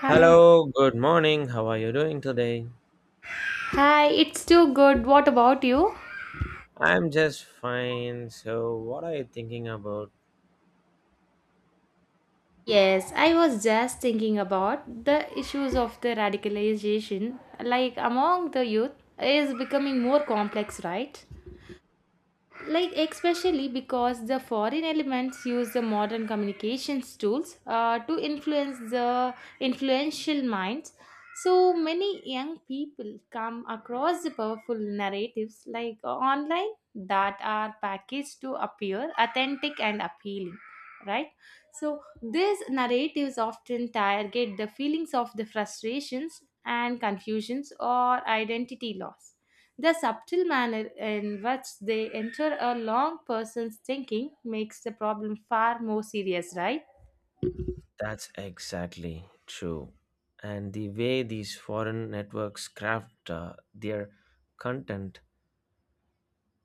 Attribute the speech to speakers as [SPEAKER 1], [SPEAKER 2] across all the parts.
[SPEAKER 1] Hi.
[SPEAKER 2] Hello, good morning. How are you doing today?
[SPEAKER 1] Hi, it's too good. What about you?
[SPEAKER 2] I'm just fine. So, what are you thinking about?
[SPEAKER 1] Yes, I was just thinking about the issues of the radicalization, like among the youth, is becoming more complex, right? Like especially because the foreign elements use the modern communications tools to influence the influential minds, so many young people come across the powerful narratives like online that are packaged to appear authentic and appealing, right, so these narratives often target the feelings of the frustrations and confusions or identity loss. The subtle manner in which they enter a long person's thinking makes the problem far more serious, right?
[SPEAKER 2] That's exactly true. And the way these foreign networks craft their content,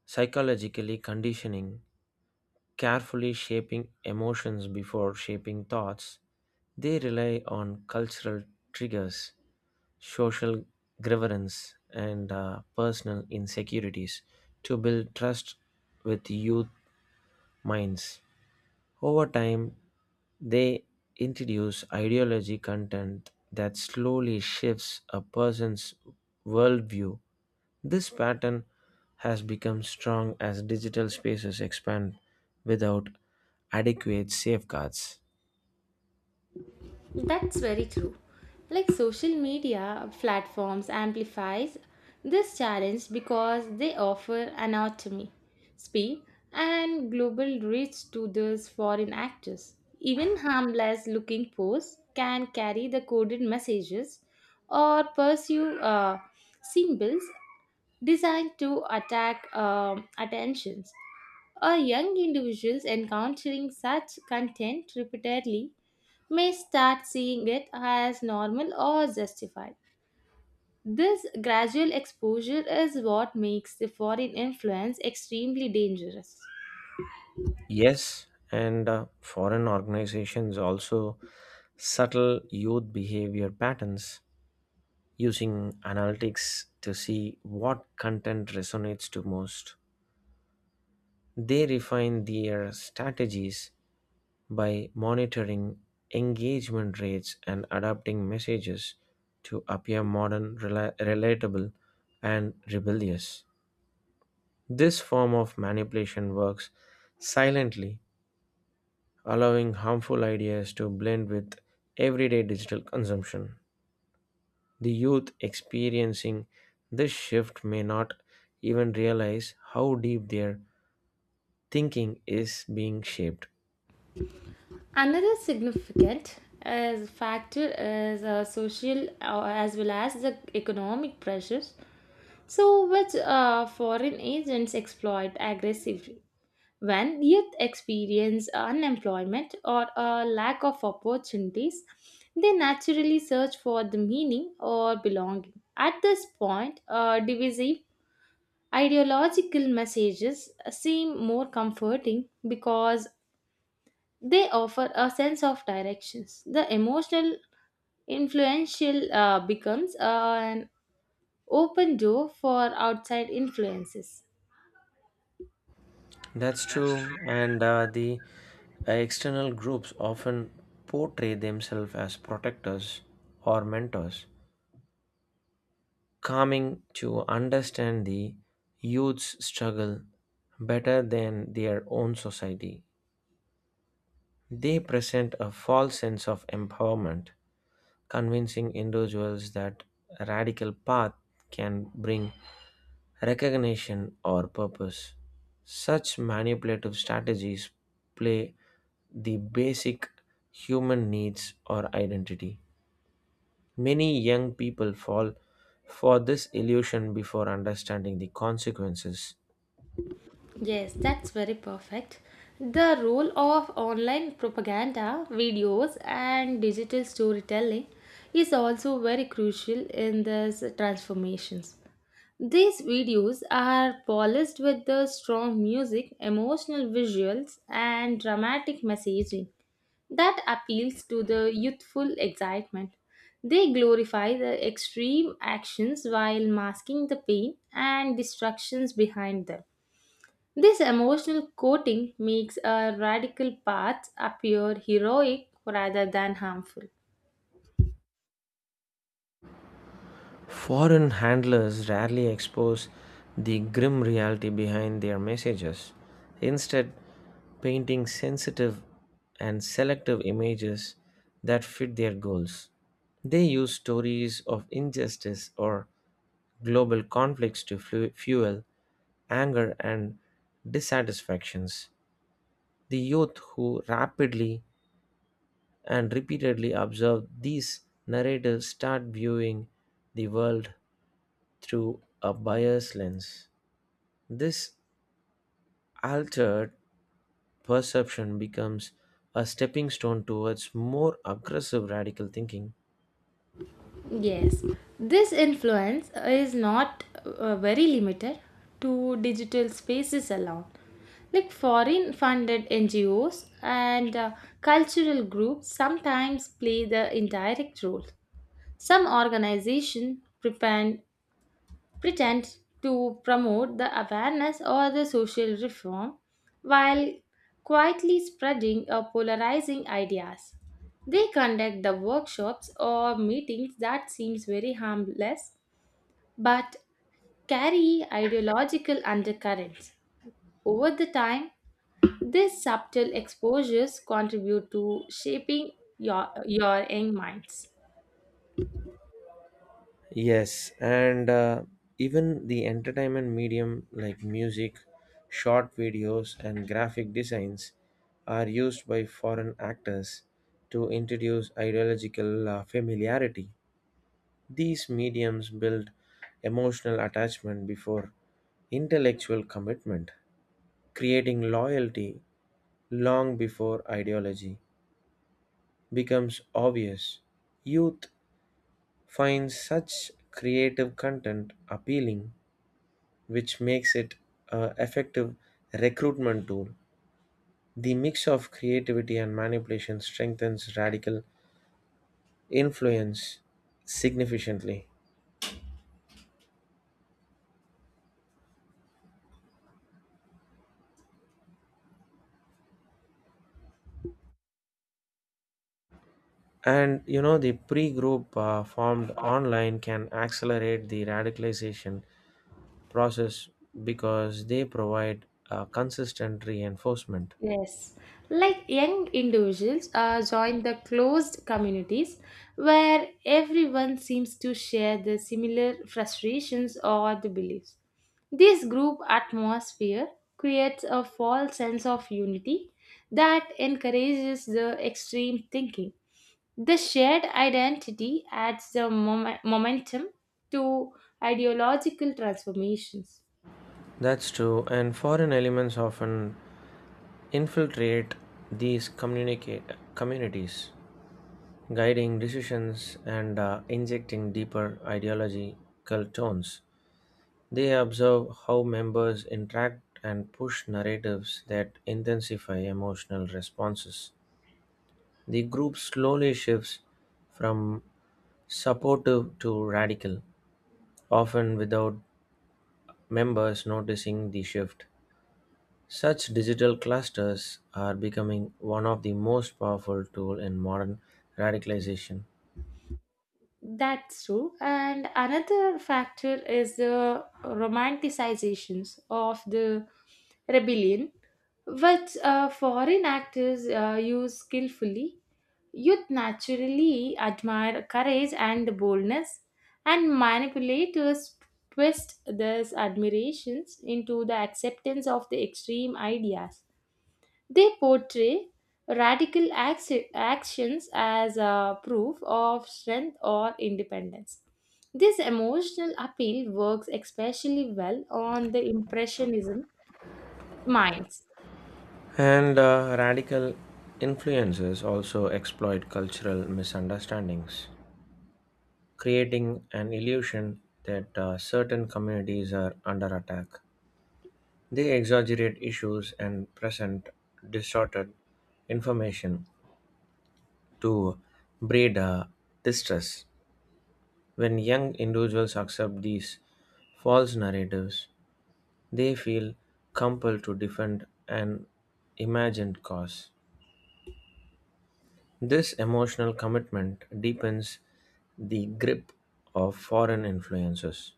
[SPEAKER 2] psychologically conditioning, carefully shaping emotions before shaping thoughts, they rely on cultural triggers, social grievance, and personal insecurities to build trust with youth minds. Over time, they introduce ideology content that slowly shifts a person's worldview. This pattern has become strong as digital spaces expand without adequate safeguards.
[SPEAKER 1] That's very true. Like social media platforms amplifies this challenge because they offer anatomy, speed, and global reach to these foreign actors. Even harmless looking posts can carry the coded messages or pursue symbols designed to attack attentions. A young individuals encountering such content repeatedly may start seeing it as normal or justified. This gradual exposure is what makes the foreign influence extremely dangerous.
[SPEAKER 2] Yes, and foreign organizations also subtle youth behavior patterns using analytics to see what content resonates to most. They refine their strategies by monitoring engagement rates and adapting messages to appear modern, relatable, and rebellious. This form of manipulation works silently, allowing harmful ideas to blend with everyday digital consumption. The youth experiencing this shift may not even realize how deep their thinking is being shaped.
[SPEAKER 1] Another significant as factor is social as well as the economic pressures, so which foreign agents exploit aggressively. When youth experience unemployment or a lack of opportunities, they naturally search for the meaning or belonging. At this point, divisive ideological messages seem more comforting because they offer a sense of directions. The emotional influential becomes an open door for outside influences.
[SPEAKER 2] That's true, and the external groups often portray themselves as protectors or mentors, coming to understand the youth's struggle better than their own society. They present a false sense of empowerment, convincing individuals that a radical path can bring recognition, or purpose. Such manipulative strategies play the basic human needs or identity. Many young people fall for this illusion before understanding the consequences.
[SPEAKER 1] Yes, that's very perfect. The role of online propaganda, videos, and digital storytelling is also very crucial in these transformations. These videos are polished with the strong music, emotional visuals, and dramatic messaging that appeals to the youthful excitement. They glorify the extreme actions while masking the pain and destructions behind them. This emotional coating makes a radical path appear heroic rather than harmful.
[SPEAKER 2] Foreign handlers rarely expose the grim reality behind their messages, instead, painting sensitive and selective images that fit their goals. They use stories of injustice or global conflicts to fuel anger and dissatisfactions. The youth who rapidly and repeatedly observe these narratives start viewing the world through a buyer's lens. This altered perception becomes a stepping stone towards more aggressive radical thinking.
[SPEAKER 1] Yes, this influence is not very limited to digital spaces alone. Like foreign funded NGOs and cultural groups sometimes play the indirect role. Some organizations prevent pretends to promote the awareness or the social reform while quietly spreading or polarizing ideas. They conduct the workshops or meetings that seems very harmless but carry ideological undercurrents. Over the time, these subtle exposures contribute to shaping your young minds.
[SPEAKER 2] Yes, and even the entertainment medium like music, short videos, and graphic designs are used by foreign actors to introduce ideological familiarity. These mediums build emotional attachment before intellectual commitment, creating loyalty long before ideology becomes obvious. Youth finds such creative content appealing, which makes it an effective recruitment tool. The mix of creativity and manipulation strengthens radical influence significantly. And you know, the pre group formed online can accelerate the radicalization process because they provide a consistent reinforcement.
[SPEAKER 1] Yes, like young individuals join the closed communities where everyone seems to share the similar frustrations or the beliefs. This group atmosphere creates a false sense of unity that encourages the extreme thinking. The shared identity adds the momentum to ideological transformations.
[SPEAKER 2] That's true, and foreign elements often infiltrate these communicate communities, guiding decisions and injecting deeper ideological tones. They observe how members interact and push narratives that intensify emotional responses. The group slowly shifts from supportive to radical, often without members noticing the shift. Such digital clusters are becoming one of the most powerful tool in modern radicalization.
[SPEAKER 1] That's true. And another factor is the romanticizations of the rebellion, which foreign actors use skillfully. Youth naturally admire courage and boldness, and manipulators twist these admirations into the acceptance of the extreme ideas. They portray radical actions as a proof of strength or independence. This emotional appeal works especially well on the Impressionism minds.
[SPEAKER 2] And radical influencers also exploit cultural misunderstandings, creating an illusion that certain communities are under attack. They exaggerate issues and present distorted information to breed distress. When young individuals accept these false narratives, they feel compelled to defend an imagined cause. This emotional commitment deepens the grip of foreign influences.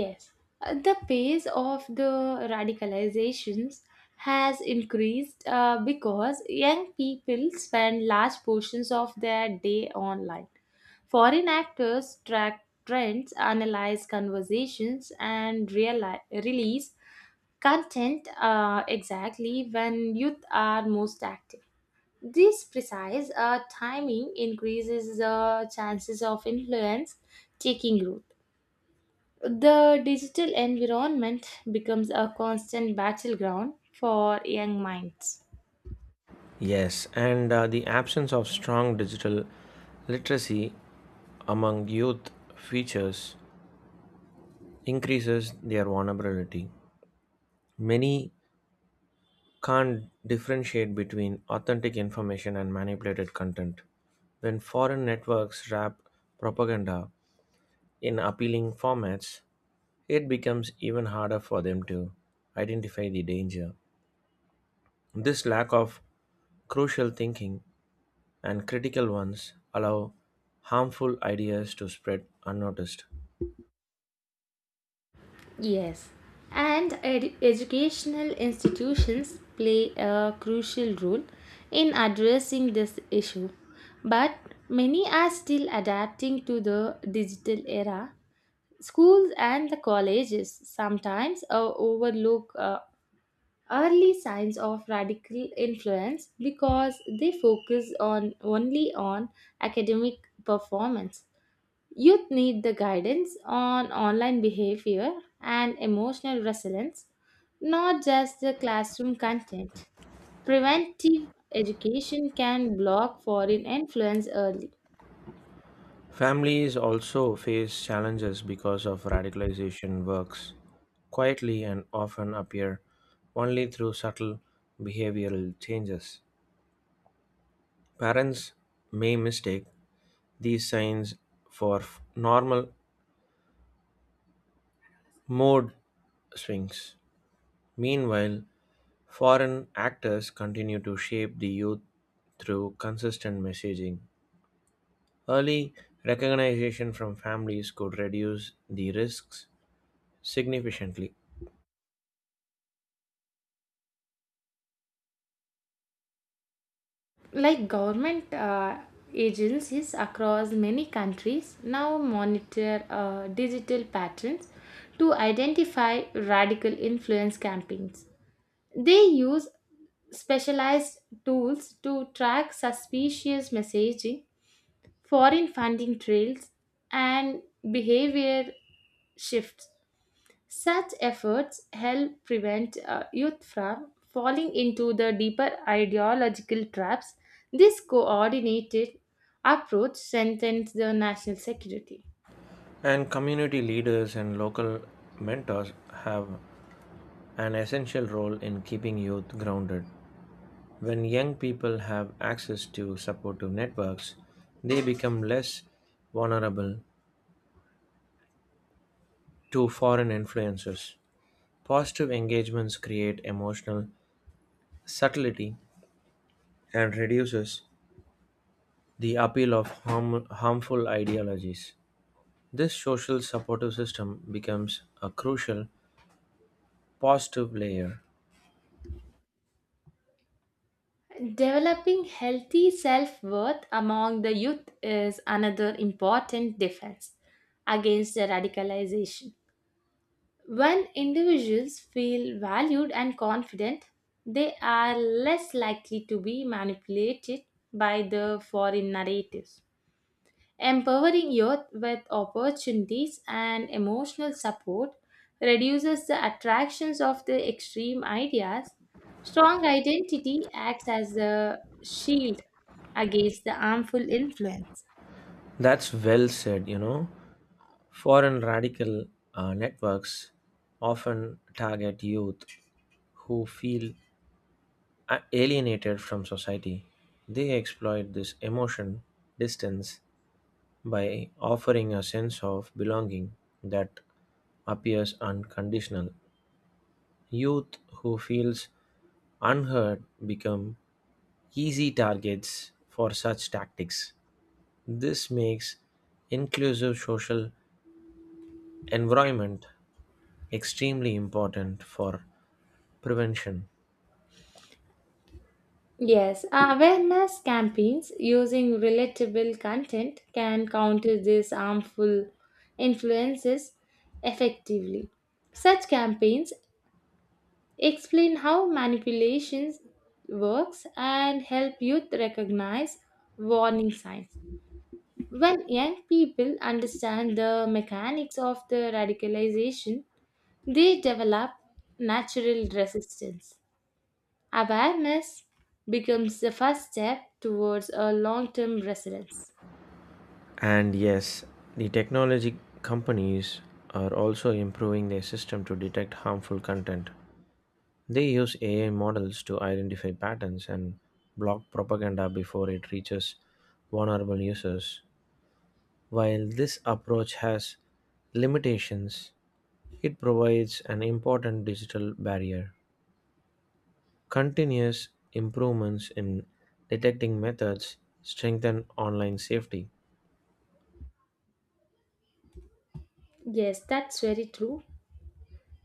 [SPEAKER 1] Yes, the pace of the radicalizations has increased because young people spend large portions of their day online. Foreign actors track trends, analyze conversations, and release content exactly when youth are most active. This precise timing increases the chances of influence taking root. The digital environment becomes a constant battleground for young minds.
[SPEAKER 2] Yes, and the absence of strong digital literacy among youth features increases their vulnerability. Many can't differentiate between authentic information and manipulated content. When foreign networks wrap propaganda in appealing formats, it becomes even harder for them to identify the danger. This lack of crucial thinking and critical ones allow harmful ideas to spread unnoticed.
[SPEAKER 1] Yes, and educational institutions play a crucial role in addressing this issue. But many are still adapting to the digital era. Schools and the colleges sometimes overlook early signs of radical influence because they focus on only on academic performance. Youth need the guidance on online behavior and emotional resilience, not just the classroom content. Preventive education can block foreign influence early.
[SPEAKER 2] Families also face challenges because of radicalization works quietly and often appear only through subtle behavioral changes. Parents may mistake these signs for normal mood swings. Meanwhile, foreign actors continue to shape the youth through consistent messaging. Early recognition from families could reduce the risks significantly.
[SPEAKER 1] Like government agencies across many countries now monitor digital patterns to identify radical influence campaigns. They use specialized tools to track suspicious messaging, foreign funding trails, and behavior shifts. Such efforts help prevent youth from falling into the deeper ideological traps. This coordinated approach strengthens the national security.
[SPEAKER 2] And community leaders and local mentors have an essential role in keeping youth grounded. When young people have access to supportive networks, they become less vulnerable to foreign influences. Positive engagements create emotional subtlety and reduces the appeal of harmful ideologies. This social supportive system becomes a crucial positive layer.
[SPEAKER 1] Developing healthy self worth among the youth is another important defense against the radicalization. When individuals feel valued and confident, they are less likely to be manipulated by the foreign narratives. Empowering youth with opportunities and emotional support reduces the attractions of the extreme ideas. Strong identity acts as a shield against the harmful influence.
[SPEAKER 2] That's well said, you know. Foreign radical networks often target youth who feel alienated from society. They exploit this emotion distance by offering a sense of belonging that appears unconditional. Youth who feels unheard become easy targets for such tactics. This makes inclusive social environment extremely important for prevention.
[SPEAKER 1] Yes, awareness campaigns using relatable content can counter these harmful influences effectively. Such campaigns explain how manipulation works and help youth recognize warning signs. When young people understand the mechanics of the radicalization, they develop natural resistance. Awareness becomes the first step towards a long term resilience.
[SPEAKER 2] And yes, the technology companies are also improving their system to detect harmful content. They use AI models to identify patterns and block propaganda before it reaches vulnerable users. While this approach has limitations, it provides an important digital barrier. Continuous improvements in detecting methods strengthen online safety.
[SPEAKER 1] Yes, that's very true.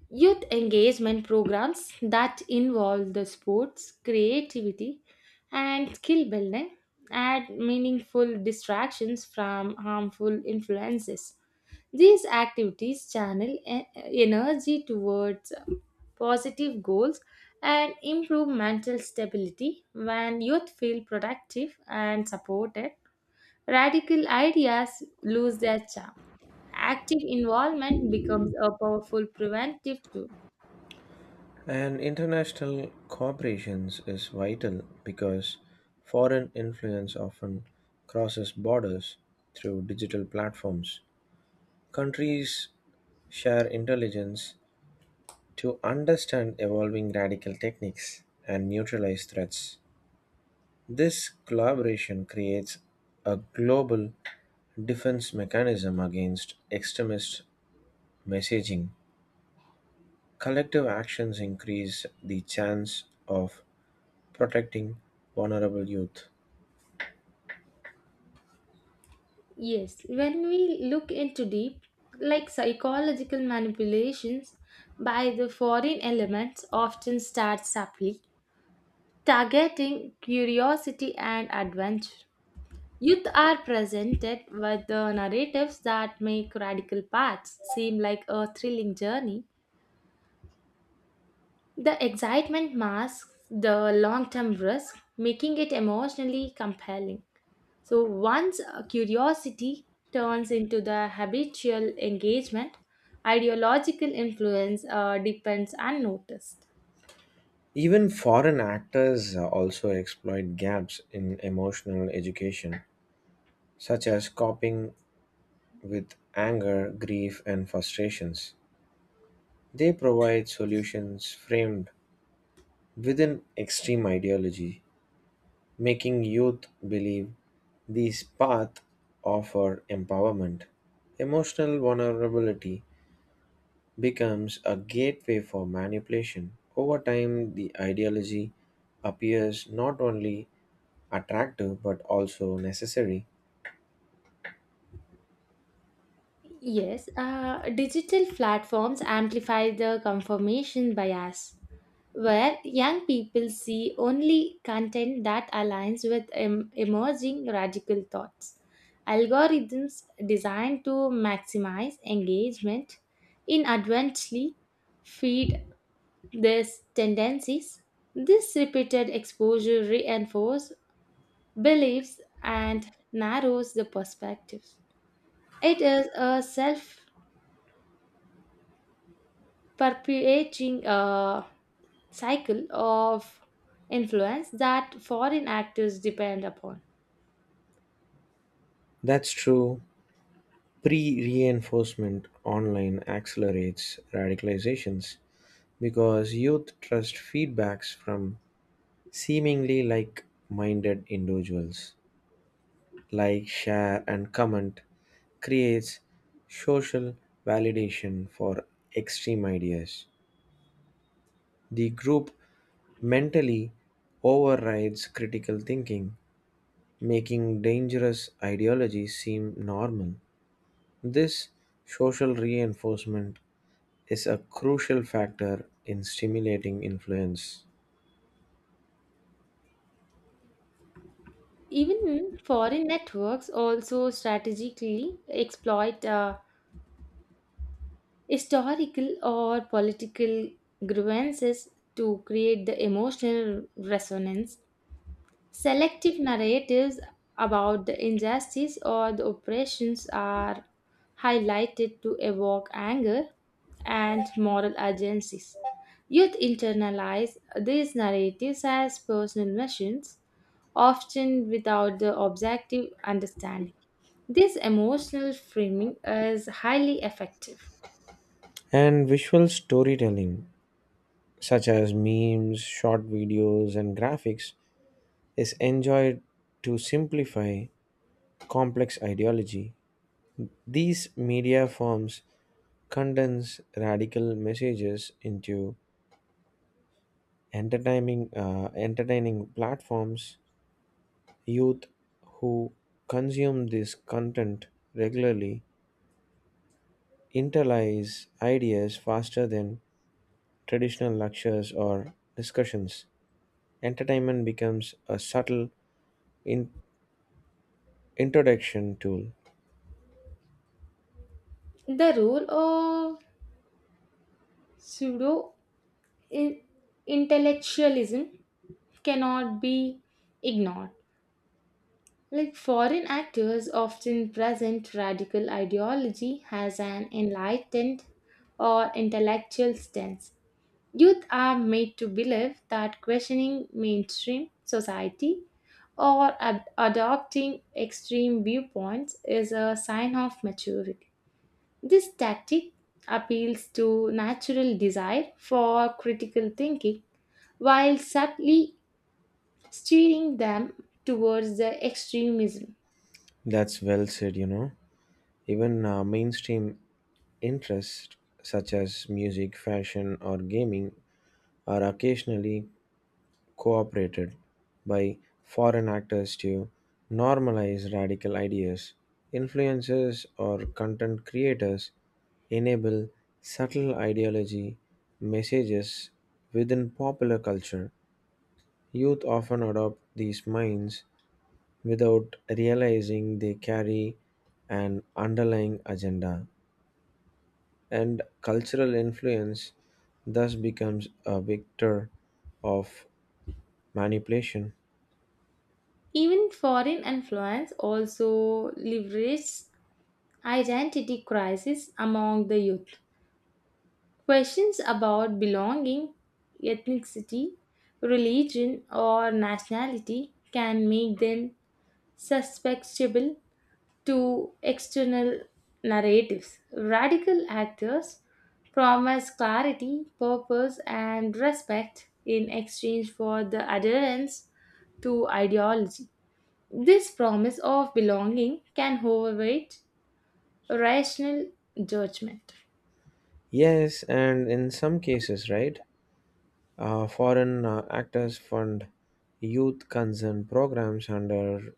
[SPEAKER 1] Youth engagement programs that involve the sports, creativity, and skill building add meaningful distractions from harmful influences. These activities channel energy towards positive goals and improve mental stability. When youth feel productive and supported, radical ideas lose their charm. Active involvement becomes a powerful preventive tool.
[SPEAKER 2] And international cooperations is vital because foreign influence often crosses borders through digital platforms. Countries share intelligence to understand evolving radical techniques and neutralize threats. This collaboration creates a global defense mechanism against extremist messaging. Collective actions increase the chance of protecting vulnerable youth.
[SPEAKER 1] Yes, when we look into deep, like psychological manipulations by the foreign elements often start subtly, targeting curiosity and adventure. Youth are presented with the narratives that make radical paths seem like a thrilling journey. The excitement masks the long term risk, making it emotionally compelling. So, once curiosity turns into the habitual engagement, ideological influence depends unnoticed.
[SPEAKER 2] Even foreign actors also exploit gaps in emotional education, such as coping with anger, grief, and frustrations. They provide solutions framed within extreme ideology, making youth believe these paths offer empowerment. Emotional vulnerability becomes a gateway for manipulation. Over time, the ideology appears not only attractive but also necessary.
[SPEAKER 1] Yes, digital platforms amplify the confirmation bias, where young people see only content that aligns with emerging radical thoughts. Algorithms designed to maximize engagement inadvertently feed these tendencies. This repeated exposure reinforces beliefs and narrows the perspective. It is a self perpetuating a cycle of influence that foreign actors depend upon.
[SPEAKER 2] That's true. Pre reinforcement online accelerates radicalizations because youth trust feedbacks from seemingly like minded individuals. Like, share, and comment creates social validation for extreme ideas. The group mentally overrides critical thinking, making dangerous ideologies seem normal. This social reinforcement is a crucial factor in stimulating influence.
[SPEAKER 1] Even foreign networks also strategically exploit historical or political grievances to create the emotional resonance. Selective narratives about the injustice or the oppressions are highlighted to evoke anger and moral agencies. Youth internalize these narratives as personal missions, often without the objective understanding. This emotional framing is highly effective.
[SPEAKER 2] And visual storytelling, such as memes, short videos, and graphics, is enjoyed to simplify complex ideology. These media forms condense radical messages into entertaining platforms. Youth who consume this content regularly internalize ideas faster than traditional lectures or discussions. Entertainment becomes a subtle in- introduction tool.
[SPEAKER 1] The role of pseudo intellectualism cannot be ignored. Like foreign actors often present radical ideology as an enlightened or intellectual stance. Youth are made to believe that questioning mainstream society or adopting extreme viewpoints is a sign of maturity. This tactic appeals to natural desire for critical thinking while subtly steering them towards the extremism.
[SPEAKER 2] That's well said, you know. Even mainstream interests such as music fashion or gaming are occasionally cooperated by foreign actors to normalize radical ideas. Influencers or content creators enable subtle ideology messages within popular culture. Youth often adopt these minds without realizing they carry an underlying agenda, and cultural influence thus becomes a vector of manipulation.
[SPEAKER 1] Even foreign influence also leverages identity crisis among the youth. Questions about belonging, ethnicity, religion, or nationality can make them susceptible to external narratives. Radical actors promise clarity, purpose, and respect in exchange for the adherence to ideology. This promise of belonging can overweight rational judgment.
[SPEAKER 2] Yes, and in some cases, right, foreign actors fund youth concern programs under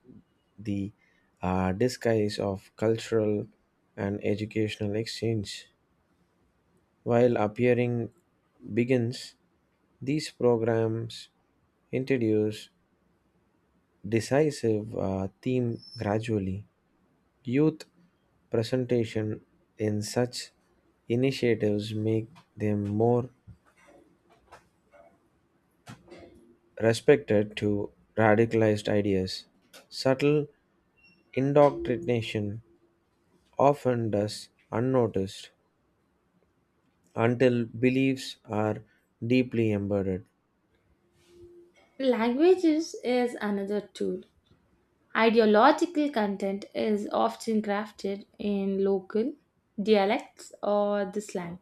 [SPEAKER 2] the disguise of cultural and educational exchange. While appearing begins, these programs introduce decisive theme gradually. Youth presentation in such initiatives make them more respected to radicalized ideas. Subtle indoctrination often does unnoticed until beliefs are deeply embedded.
[SPEAKER 1] Languages is another tool. Ideological content is often crafted in local dialects or the slang,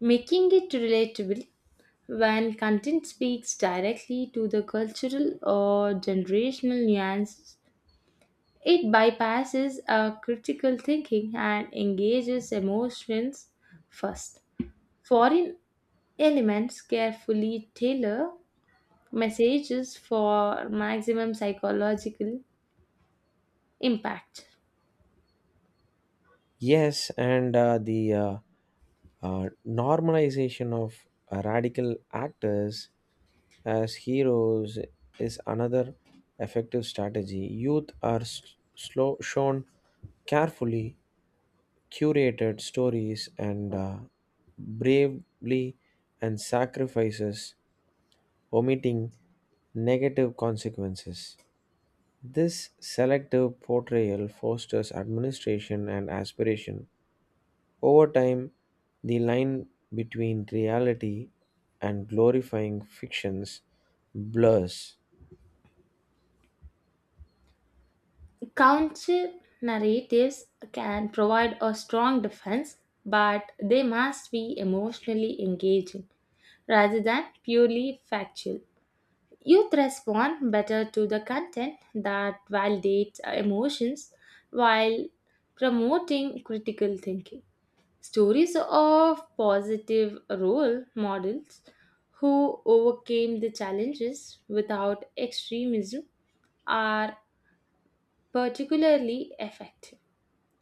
[SPEAKER 1] making it relatable when content speaks directly to the cultural or generational nuances. It bypasses our critical thinking and engages emotions first. Foreign elements carefully tailor messages for maximum psychological impact.
[SPEAKER 2] Yes, and the normalization of radical actors as heroes is another effective strategy. Youth are shown carefully curated stories and bravely and sacrifices, omitting negative consequences. This selective portrayal fosters administration and aspiration. Over time, the line between reality and glorifying fictions blurs.
[SPEAKER 1] Counter narratives can provide a strong defense, but they must be emotionally engaging rather than purely factual. Youth respond better to the content that validates emotions while promoting critical thinking. Stories of positive role models who overcame the challenges without extremism are particularly effective.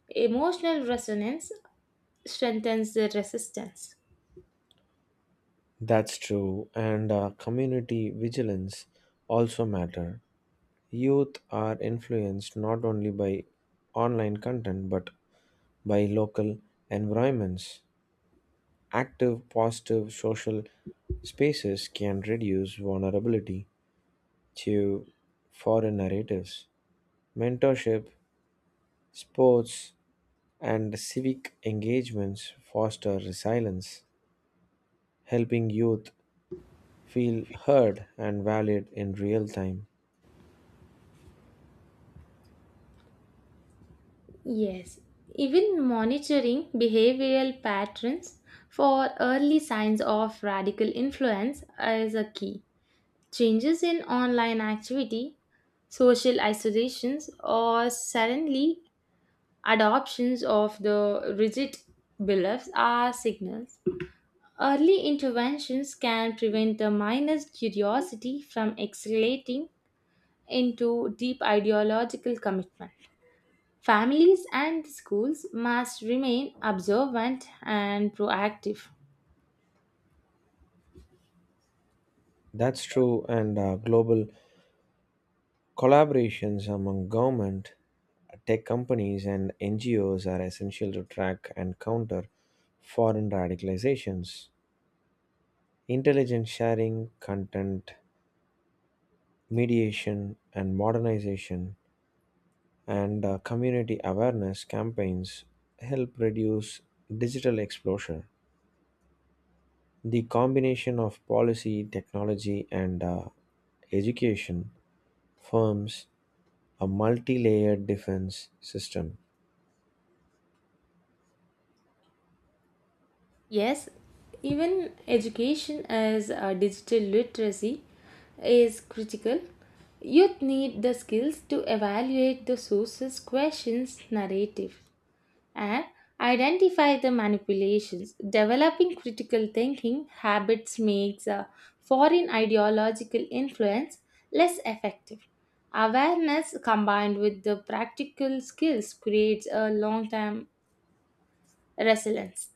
[SPEAKER 1] Emotional resonance strengthens the resistance.
[SPEAKER 2] That's true, and community vigilance also matter. Youth are influenced not only by online content but by local environments. Active, positive social spaces can reduce vulnerability to foreign narratives. Mentorship, sports, and civic engagements foster resilience, helping youth feel heard and valued in real time.
[SPEAKER 1] Yes, even monitoring behavioral patterns for early signs of radical influence is a key. Changes in online activity, social isolations, or suddenly adoptions of the rigid beliefs are signals. Early interventions can prevent the minor's curiosity from escalating into deep ideological commitment. Families and schools must remain observant and proactive.
[SPEAKER 2] That's true, and global collaborations among government, tech companies, and NGOs are essential to track and counter foreign radicalizations. Intelligence sharing, content mediation and modernization, and community awareness campaigns help reduce digital exposure. The combination of policy, technology, and education forms a multi layered defense system.
[SPEAKER 1] Yes, even education as digital literacy is critical. Youth need the skills to evaluate the sources, questions, narrative, and identify the manipulations. Developing critical thinking habits makes a foreign ideological influence less effective. Awareness combined with the practical skills creates a long term resilience.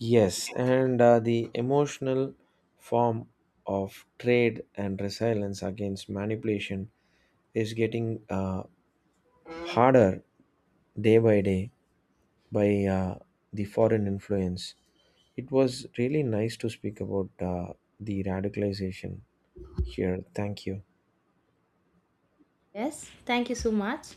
[SPEAKER 2] Yes, and the emotional form of trade and resilience against manipulation is getting harder day by day by the foreign influence. It was really nice to speak about the radicalization here. Thank you.
[SPEAKER 1] Yes, thank you so much.